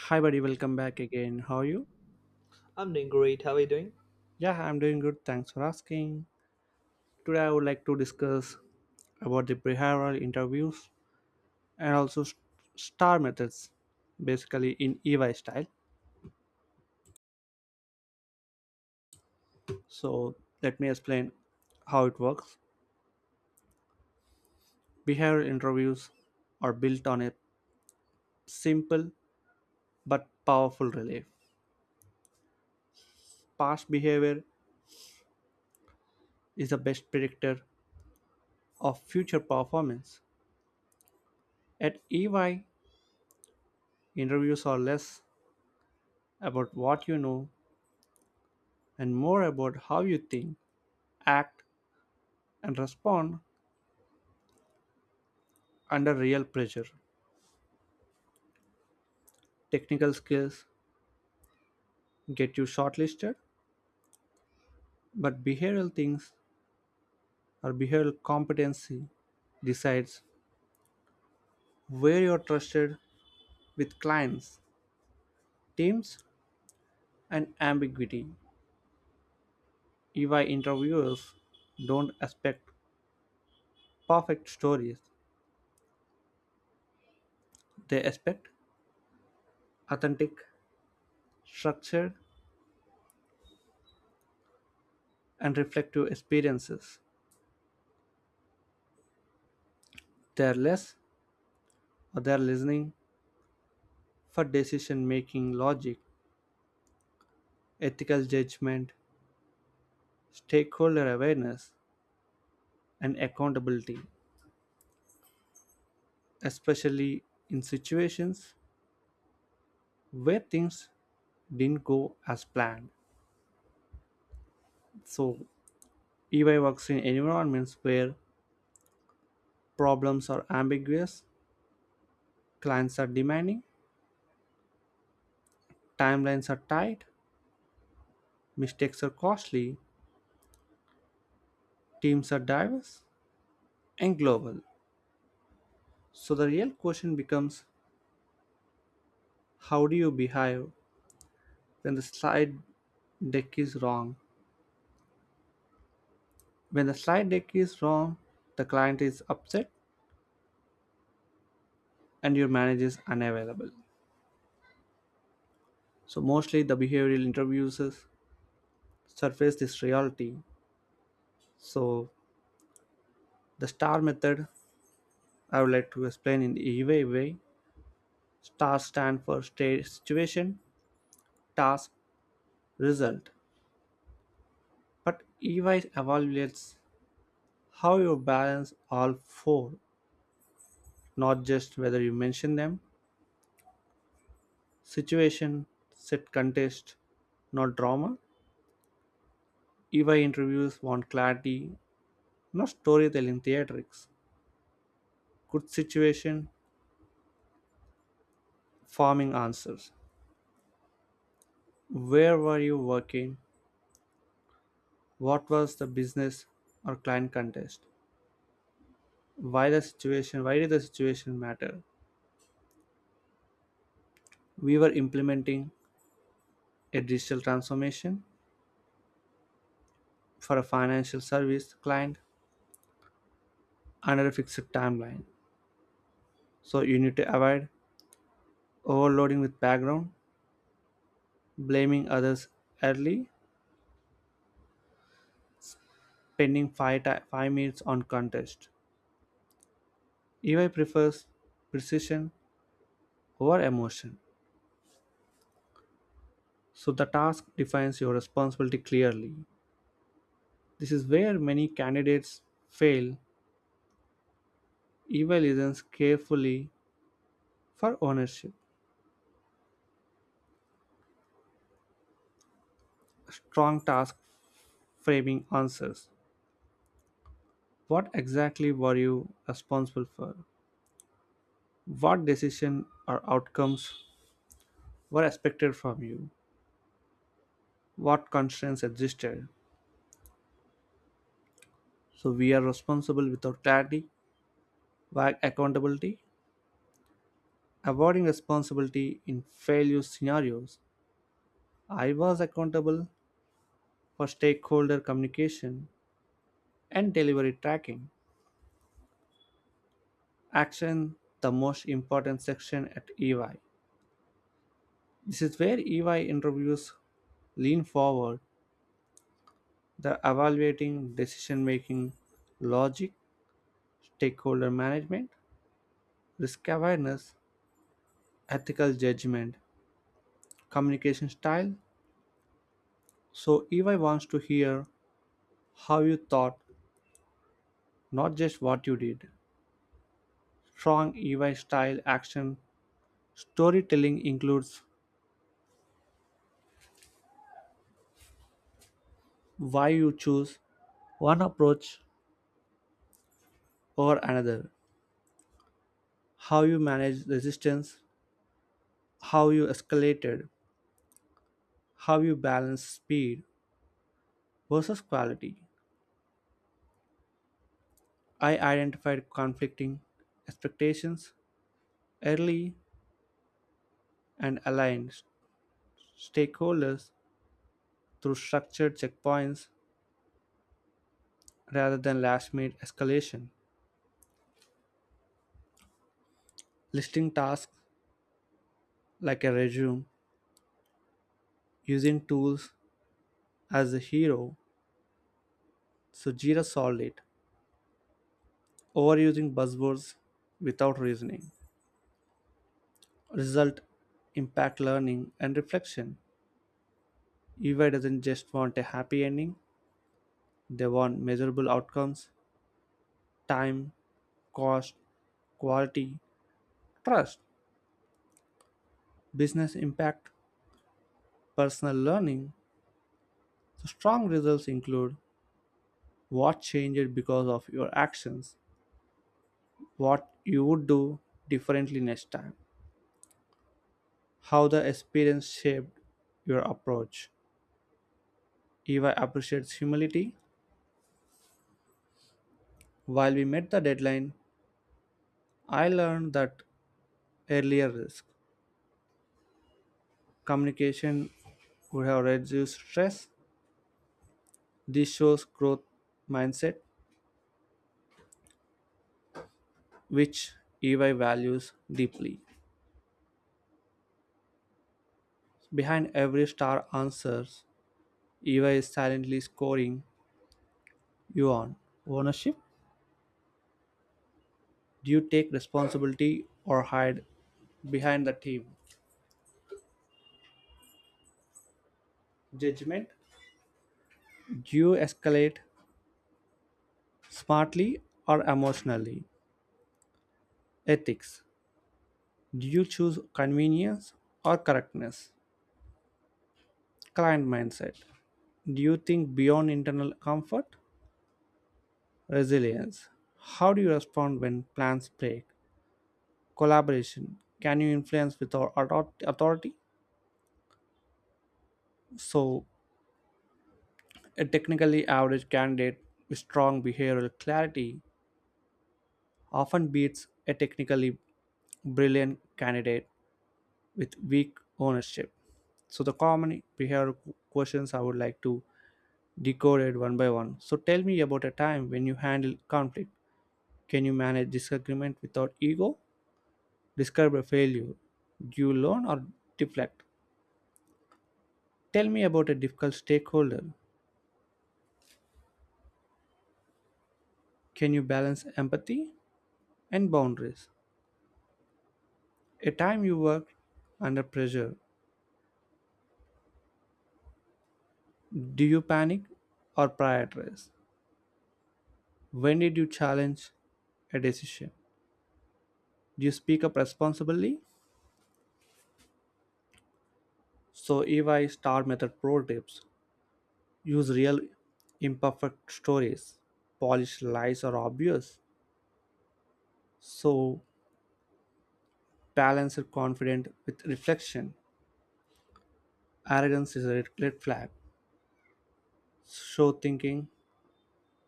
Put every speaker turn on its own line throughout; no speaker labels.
Hi, buddy. Welcome back again. How are you?
I'm doing great. How are you doing?
Yeah, I'm doing good. Thanks for asking. Today, I would like to discuss about the behavioral interviews and also star methods, basically in EY style. So, let me explain how it works. Behavioral interviews are built on a simple but powerful relief. Past behavior is the best predictor of future performance. At EY, interviews are less about what you know and more about how you think, act, and respond under real pressure. Technical skills get you shortlisted, but behavioral things or behavioral competency decides where you're trusted with clients, teams, and ambiguity. EY interviewers don't expect perfect stories, they expect authentic, structured, and reflective experiences. They are less or they are listening for decision making logic, ethical judgment, stakeholder awareness, and accountability, especially in situations where things didn't go as planned. So, EY works in environments where problems are ambiguous, clients are demanding, timelines are tight, mistakes are costly, teams are diverse and global. So, the real question becomes, how do you behave when the slide deck is wrong? When the slide deck is wrong, the client is upset and your manager is unavailable. So, mostly the behavioral interviews surface this reality. So, the STAR method I would like to explain in the EVA way. STAR stand for state, situation, task, result. But EY evaluates how you balance all four, not just whether you mention them. Situation, set context, not drama. EY interviews want clarity. No storytelling theatrics. Good situation, farming answers. Where were you working? What was the business or client context? Why the situation? Why did the situation matter? We were implementing a digital transformation for a financial service client under a fixed timeline. So you need to avoid overloading with background, blaming others early, spending 5 minutes on contest. EY prefers precision over emotion. So the task defines your responsibility clearly. This is where many candidates fail. Evil listens carefully for ownership. Strong task framing answers. What exactly were you responsible for? What decision or outcomes were expected from you? What constraints existed? So we are responsible without clarity, vague accountability, avoiding responsibility in failure scenarios. I was accountable, for stakeholder communication and delivery tracking. Action, the most important section at EY. This is where EY interviews lean forward, the evaluating decision making logic, stakeholder management, risk awareness, ethical judgment, communication style. So, EY wants to hear how you thought, not just what you did. Strong EY style action storytelling includes why you choose one approach or another, how you manage resistance, how you escalated, how you balance speed versus quality. I identified conflicting expectations early and aligned stakeholders through structured checkpoints rather than last minute escalation, listing tasks like a resume, using tools as a hero, so Jira solved it. Overusing buzzwords without reasoning, result, impact, learning and reflection. EY doesn't just want a happy ending, they want measurable outcomes, time, cost, quality, trust, business impact, personal learning. So strong results include what changed because of your actions, what you would do differently next time, how the experience shaped your approach. EY appreciates humility. While we met the deadline, I learned that earlier risk communication would have reduced stress. This shows growth mindset, which EY values deeply. Behind every star answers, EY is silently scoring you on ownership. Do you take responsibility or hide behind the team? Judgment. Do you escalate smartly or emotionally? Ethics. Do you choose convenience or correctness? Client mindset, do you think beyond internal comfort? Resilience, how do you respond when plans break? Collaboration, can you influence with our authority? So, a technically average candidate with strong behavioral clarity often beats a technically brilliant candidate with weak ownership. So, the common behavioral questions I would like to decode it one by one. So, tell me about a time when you handle conflict. Can you manage disagreement without ego? Describe a failure. Do you learn or deflect? Tell me about a difficult stakeholder. Can you balance empathy and boundaries? A time you worked under pressure. Do you panic or prioritize? When did you challenge a decision? Do you speak up responsibly? So, EY Star Method Pro tips: use real imperfect stories, polish lies are obvious. So, talents are confident with reflection. Arrogance is a red flag. Show thinking,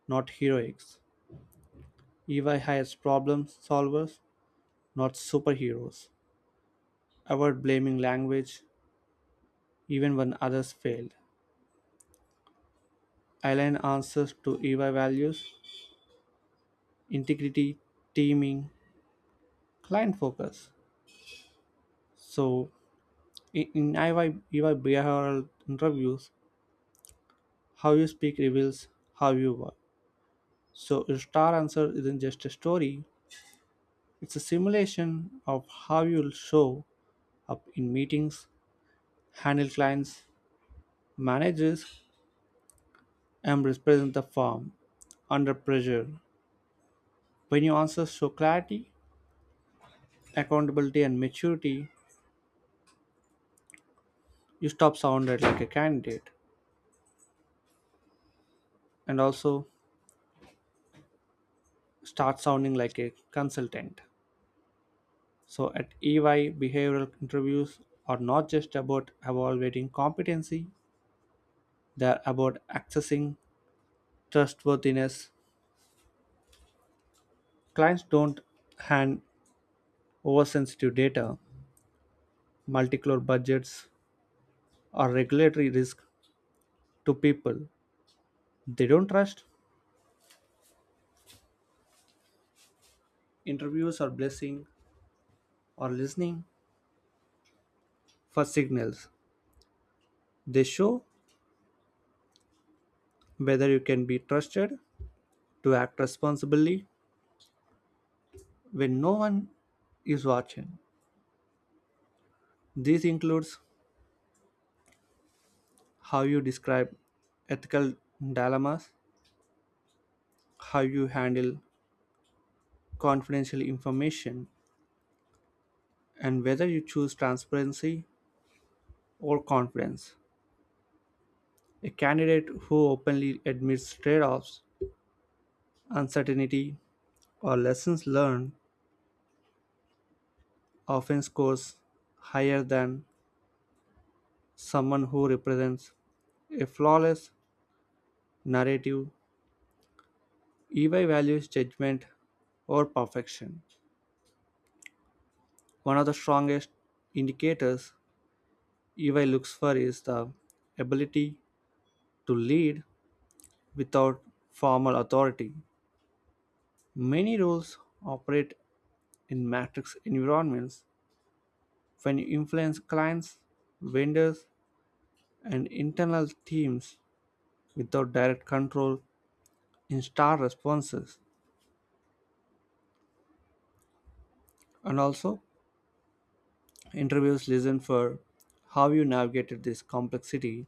not heroics. EY hires problem solvers, not superheroes. Avoid blaming language, even when others failed. Align answers to EY values, integrity, teaming, client focus. So, in EY, behavioral interviews, how you speak reveals how you work. So, your star answer isn't just a story, it's a simulation of how you'll show up in meetings, handle clients, managers, and represent the firm under pressure. When your answers show clarity, accountability, and maturity, you stop sounding like a candidate and also start sounding like a consultant. So at EY, behavioral interviews are not just about evaluating competency, they're about accessing trustworthiness. Clients don't hand oversensitive data, multicolor budgets, or regulatory risk to people they don't trust. Interviews are blessing or listening for signals. They show whether you can be trusted to act responsibly when no one is watching. This includes how you describe ethical dilemmas, how you handle confidential information, and whether you choose transparency or confidence. A candidate who openly admits trade offs, uncertainty, or lessons learned often scores higher than someone who represents a flawless narrative. EY values judgment or perfection. One of the strongest indicators EY looks for is the ability to lead without formal authority. Many roles operate in matrix environments when you influence clients, vendors, and internal teams without direct control in star responses. And also, interviews listen for how you navigated this complexity.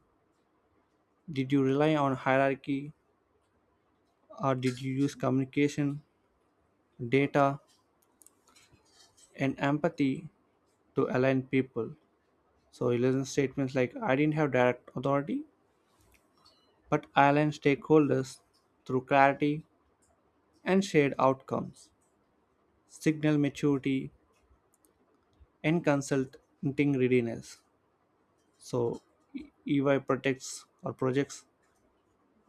Did you rely on hierarchy, or did you use communication, data, and empathy to align people? So, you listen statements like, I didn't have direct authority, but I aligned stakeholders through clarity and shared outcomes signal maturity and consulting readiness. So E- EY protects or projects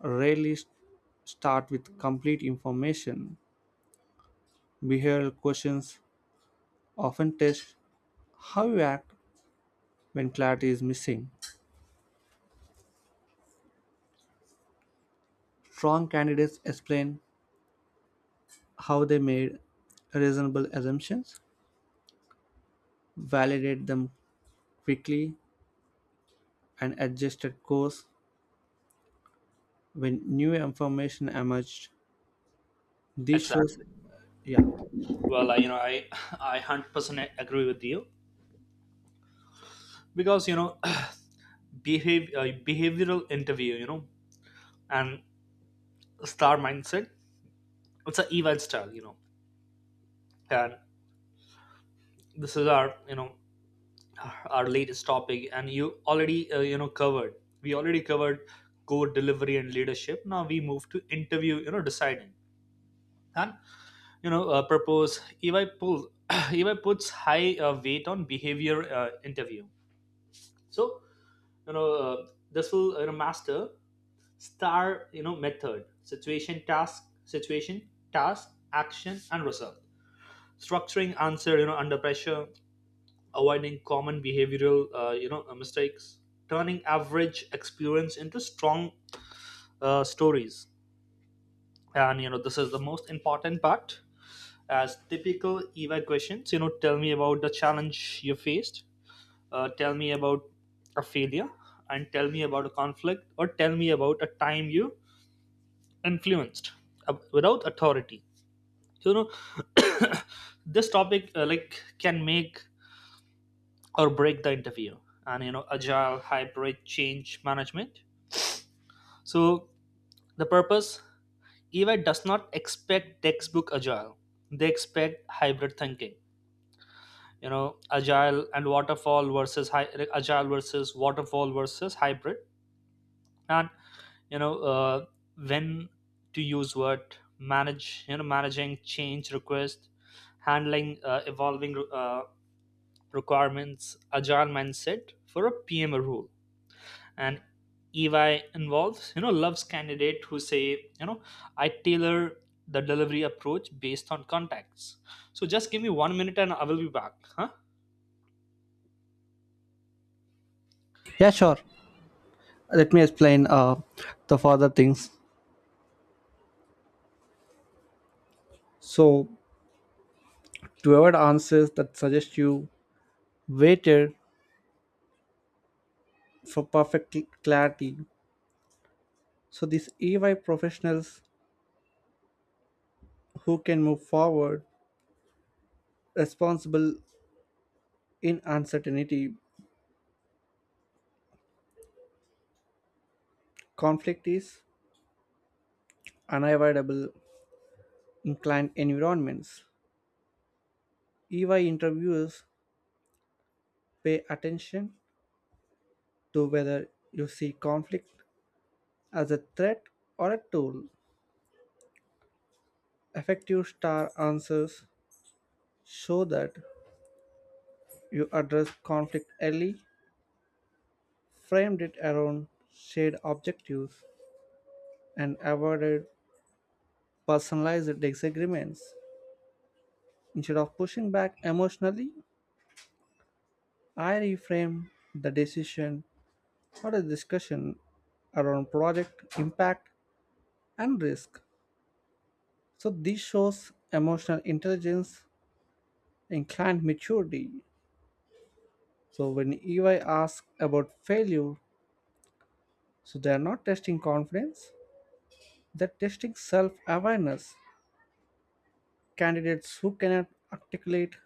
rarely start with complete information. Behavioral questions often test how you act when clarity is missing. Strong candidates explain how they made reasonable assumptions, validate them quickly, and adjusted course when new information emerged. This shows,
Exactly.
yeah,
Well, I 100% agree with you because you know, behave behavioral interview, and star mindset. It's a event style, and this is our latest topic, and you already covered. We already covered code delivery and leadership. Now we move to interview, deciding and propose. EY puts high weight on behavior interview. So. You know this will master star method situation, task, action, and result, structuring answer under pressure, avoiding common behavioral mistakes, turning average experience into strong stories. And this is the most important part as typical eva questions. Tell me about the challenge you faced, tell me about a failure, and tell me about a conflict, or tell me about a time you influenced without authority. you know this topic can make or break the interview. And agile hybrid change management. So the purpose, EY does not expect textbook agile, they expect hybrid thinking. Agile and waterfall versus agile versus waterfall versus hybrid. And you know uh, when to use what, manage you know managing change request, handling evolving uh, requirements, agile mindset for a pma role. And ey involves you know loves candidate who say, I tailor the delivery approach based on contacts. So just give me one minute and I will be back, huh?
yeah, sure. Let me explain the further things. So, whoever answers that suggest you waited for perfect clarity. So, these EY professionals who can move forward, responsible in uncertainty, conflict is unavoidable in client environments. EY interviewers pay attention to whether you see conflict as a threat or a tool. Effective star answers show that you addressed conflict early, framed it around shared objectives, and avoided personalized disagreements. Instead of pushing back emotionally, I reframed the decision or a discussion around project impact and risk. So this shows emotional intelligence and client maturity. So when EY asks about failure, so they are not testing confidence, they're testing self-awareness. Candidates who cannot articulate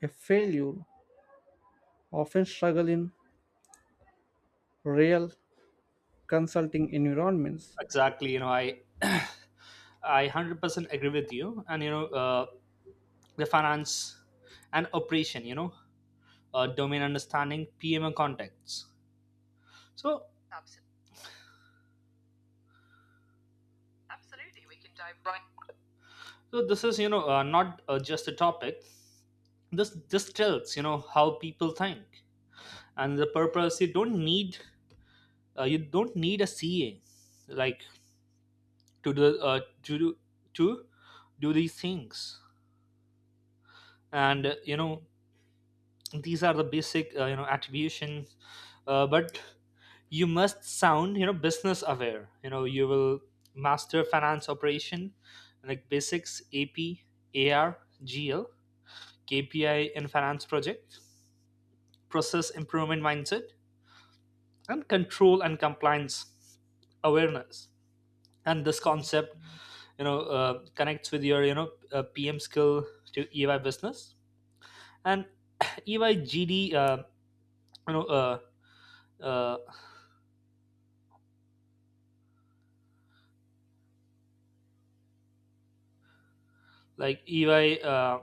a failure often struggle in real consulting environments.
Exactly, I I 100% agree with you. And the finance and operation, domain understanding, PMO contexts. So, so this is not just a topic. This tells how people think and the purpose. You don't need a CA like to do uh, to do to do these things. And these are the basic attribution. But you must sound business aware. You will master finance operation, like basics, AP, AR, GL, KPI in finance project, process improvement mindset, and control and compliance awareness. And this concept, connects with your PM skill to EY business and EY GD, you know, uh, uh, like EY,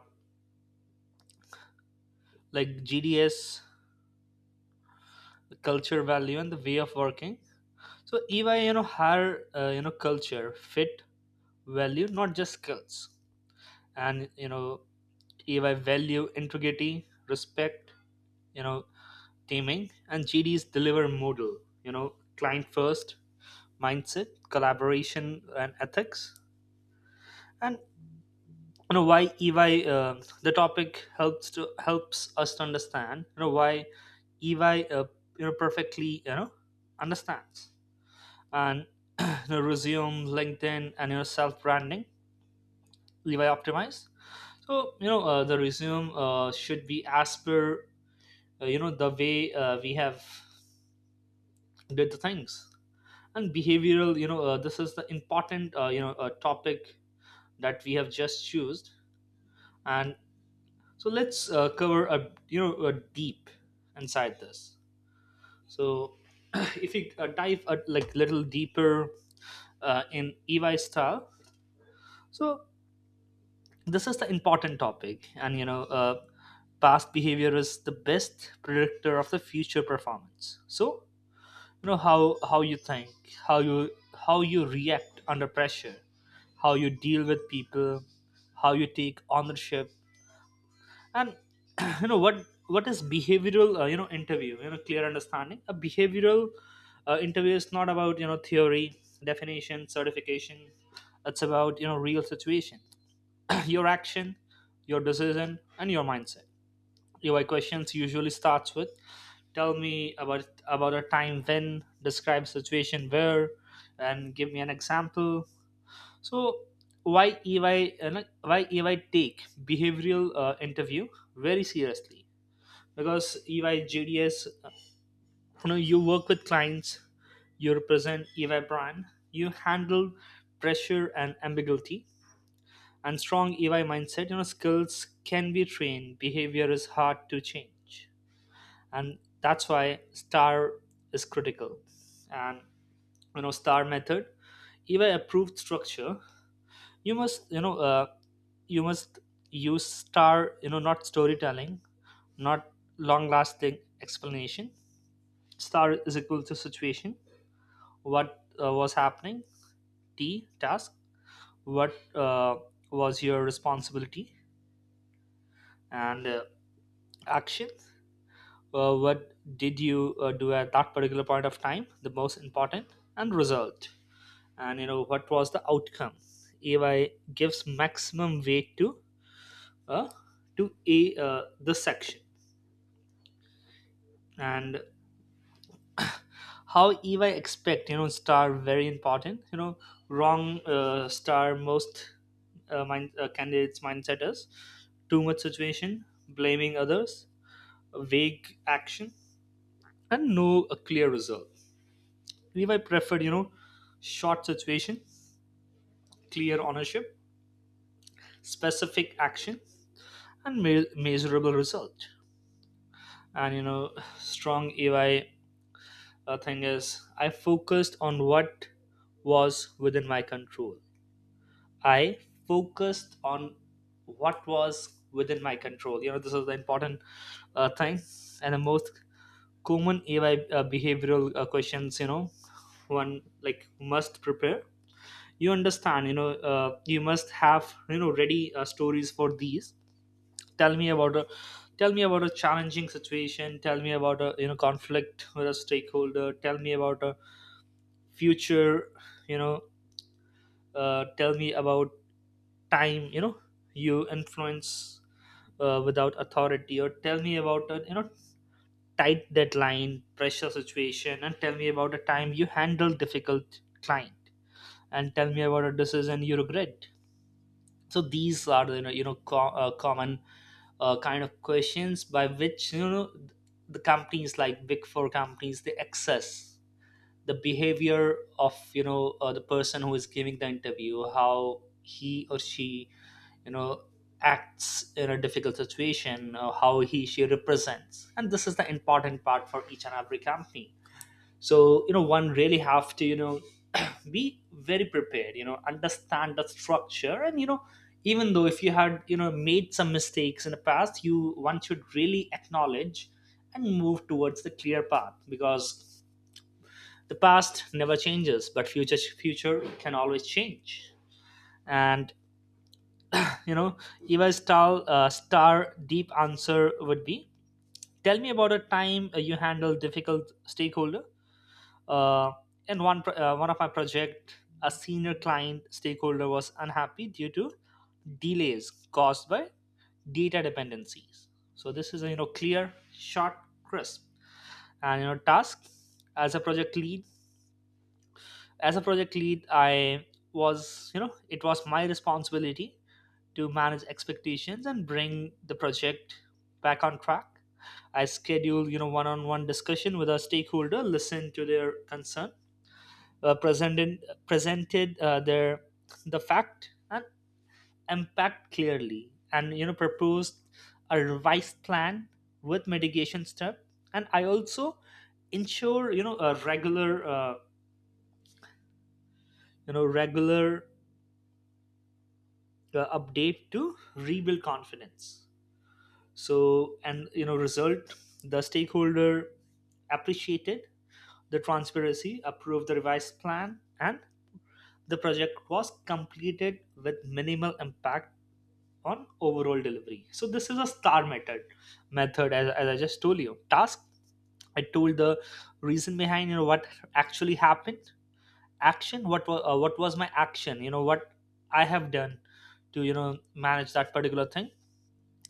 like GDS culture value and the way of working. So EY, hire culture fit value, not just skills. And EY value integrity, respect, you know teaming, and gds deliver model, client first mindset, collaboration, and ethics. And why ey, the topic helps us to understand why ey, perfectly understands. And resume, linkedin, and your self branding, ey optimized. So the resume should be as per the way we have did the things. And behavioral, this is the important topic that we have just chosen. And so let's cover a a deep inside this. So if we dive like little deeper in ey style. So this is the important topic, and past behavior is the best predictor of the future performance. So how you think, how you how you react under pressure, how you deal with people, how you take ownership. And what is behavioral, interview. Clear understanding, a behavioral interview is not about theory, definition, certification. It's about real situation, your action, your decision, and your mindset. Your questions usually starts with tell me about a time when, describe situation where, and give me an example. So why ey, why ey take behavioral interview very seriously? Because ey jds, you work with clients, you represent ey brand, you handle pressure and ambiguity. And strong ey mindset, skills can be trained, behavior is hard to change. And that's why star is critical. And star method, even approved structure, you must you must use star, not storytelling, not long lasting explanation. Star is equal to situation, what was happening, t task, what was your responsibility, and action, what did you do at that particular point of time, the most important, and result, and what was the outcome. Ay gives maximum weight uh, to a the section. And how ey expect, star very important. Wrong star, most candidates mindset is too much situation, blaming others, vague action, and no a clear result. Ey preferred short situation, clear ownership, specific action, and measurable result. And strong ey thing is, I focused on what was within my control. I focused on what was within my control this is the important thing. And the most common ey behavioral questions, one like must prepare, you understand, you must have ready stories for these. tell me about a Tell me about a challenging situation, tell me about a conflict with a stakeholder, tell me about a future, you know tell me about time you influence without authority, or tell me about a tight deadline pressure situation, and tell me about a time you handled difficult client, and tell me about a decision you regret. So these are the common kind of questions by which the companies like big four companies, they access the behavior of the person who is giving the interview, how he or she you know acts in a difficult situation, or how he she represents. And this is the important part for each and every company. So one really have to be very prepared, understand the structure. And even though if you had made some mistakes in the past, you one should really acknowledge and move towards the clear path, because the past never changes, but future can always change. And you know Eva's star, star deep answer would be tell me about a time you handled difficult stakeholder. Uh, in one of my project, a senior client stakeholder was unhappy due to delays caused by data dependencies. So this is a clear, short, crisp. And task, as a project lead. As a project lead, I was, it was my responsibility to manage expectations and bring the project back on track. I scheduled one-on-one discussion with a stakeholder, listen to their concern, uh, presented presented the fact and impact clearly, and proposed a revised plan with mitigation step. And I also ensure a regular regular update to rebuild confidence. So and result, the stakeholder appreciated the transparency, approved the revised plan, and the project was completed with minimal impact on overall delivery. So this is a star method, as I just told you. Task, I told the reason behind what actually happened. Action, what was my action? What I have done to manage that particular thing.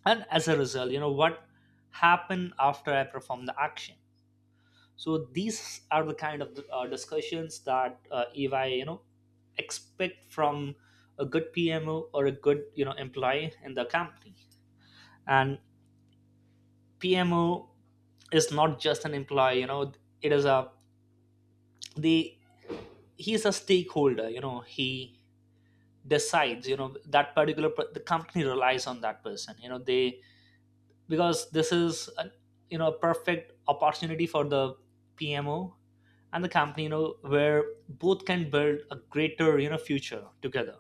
And as a result, what happened after I perform the action. So these are the kind of discussions that if I expect from a good PMO or a good employee in the company. And PMO is not just an employee, it is a the he's a stakeholder, he decides, that the company relies on that person, you know, they because this is a, a perfect opportunity for the PMO and the company, where both can build a greater, future together.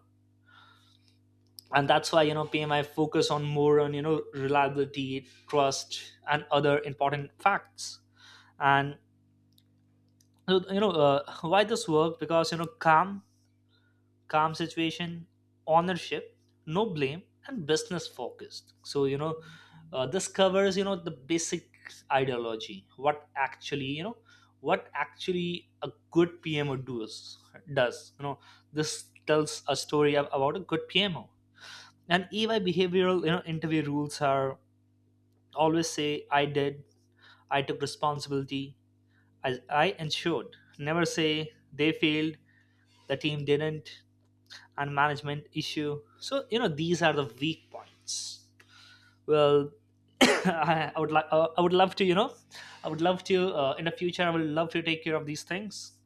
And that's why, PMI focus on more on, reliability, trust, and other important facts. And so why this worked, because calm situation, ownership, no blame, and business focused. So this covers the basic ideology, what actually what actually a good pmo does. This tells a story about a good pmo. And ey behavioral, interview rules are, always say I did, I took responsibility, I ensured. Never say they failed, the team didn't, and management issue. So these are the weak points. Well, I would like, I would love to I would love to, in the future I would love to take care of these things.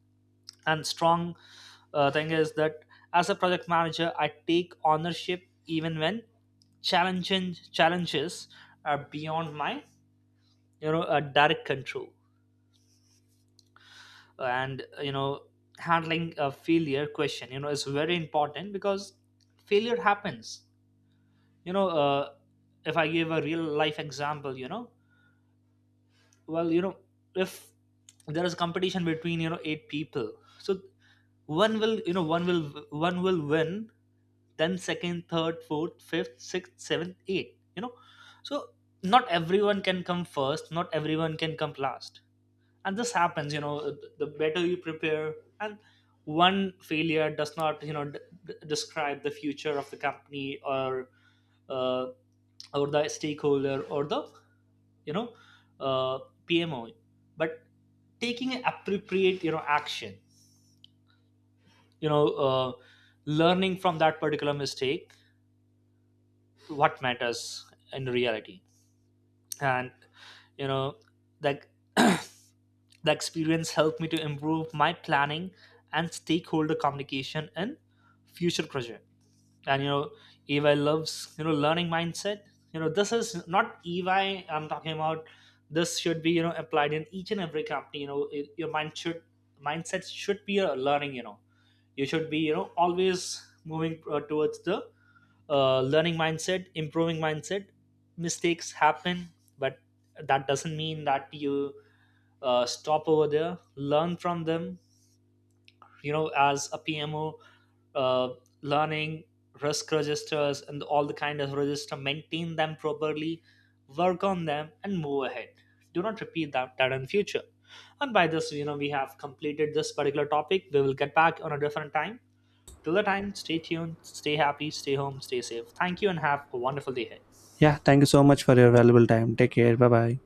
And strong thing is that as a project manager I take ownership even when challenging challenges are beyond my direct control. And handling a failure question, is very important, because failure happens. you know uh, if I give a real life example, well, if there is competition between eight people, so one will, one will win, then second, third, fourth, fifth, sixth, seventh, eighth, so not everyone can come first, not everyone can come last, and this happens. The better you prepare. And one failure does not describe the future of the company, uh, or the stakeholder, or the you know uh, pmo. But taking an appropriate action, you know uh, learning from that particular mistake, what matters in reality. And you know like the experience helped me to improve my planning and stakeholder communication in future project. And EY loves learning mindset. You know, this is not EY I'm talking about. This should be applied in each and every company. Your mindset should be a learning. You know, you should be always moving towards the learning mindset, improving mindset. Mistakes happen, but that doesn't mean that you stop over there. Learn from them. As a pmo, uh, learning, risk registers and all the kind of register, maintain them properly, work on them, and move ahead. Do not repeat that in future. And by this, we have completed this particular topic. We will get back on a different time. Till the time, stay tuned, stay happy, stay home, stay safe. Thank you and have a wonderful day ahead.
Yeah, thank you so much for your valuable time. Take care. Bye bye.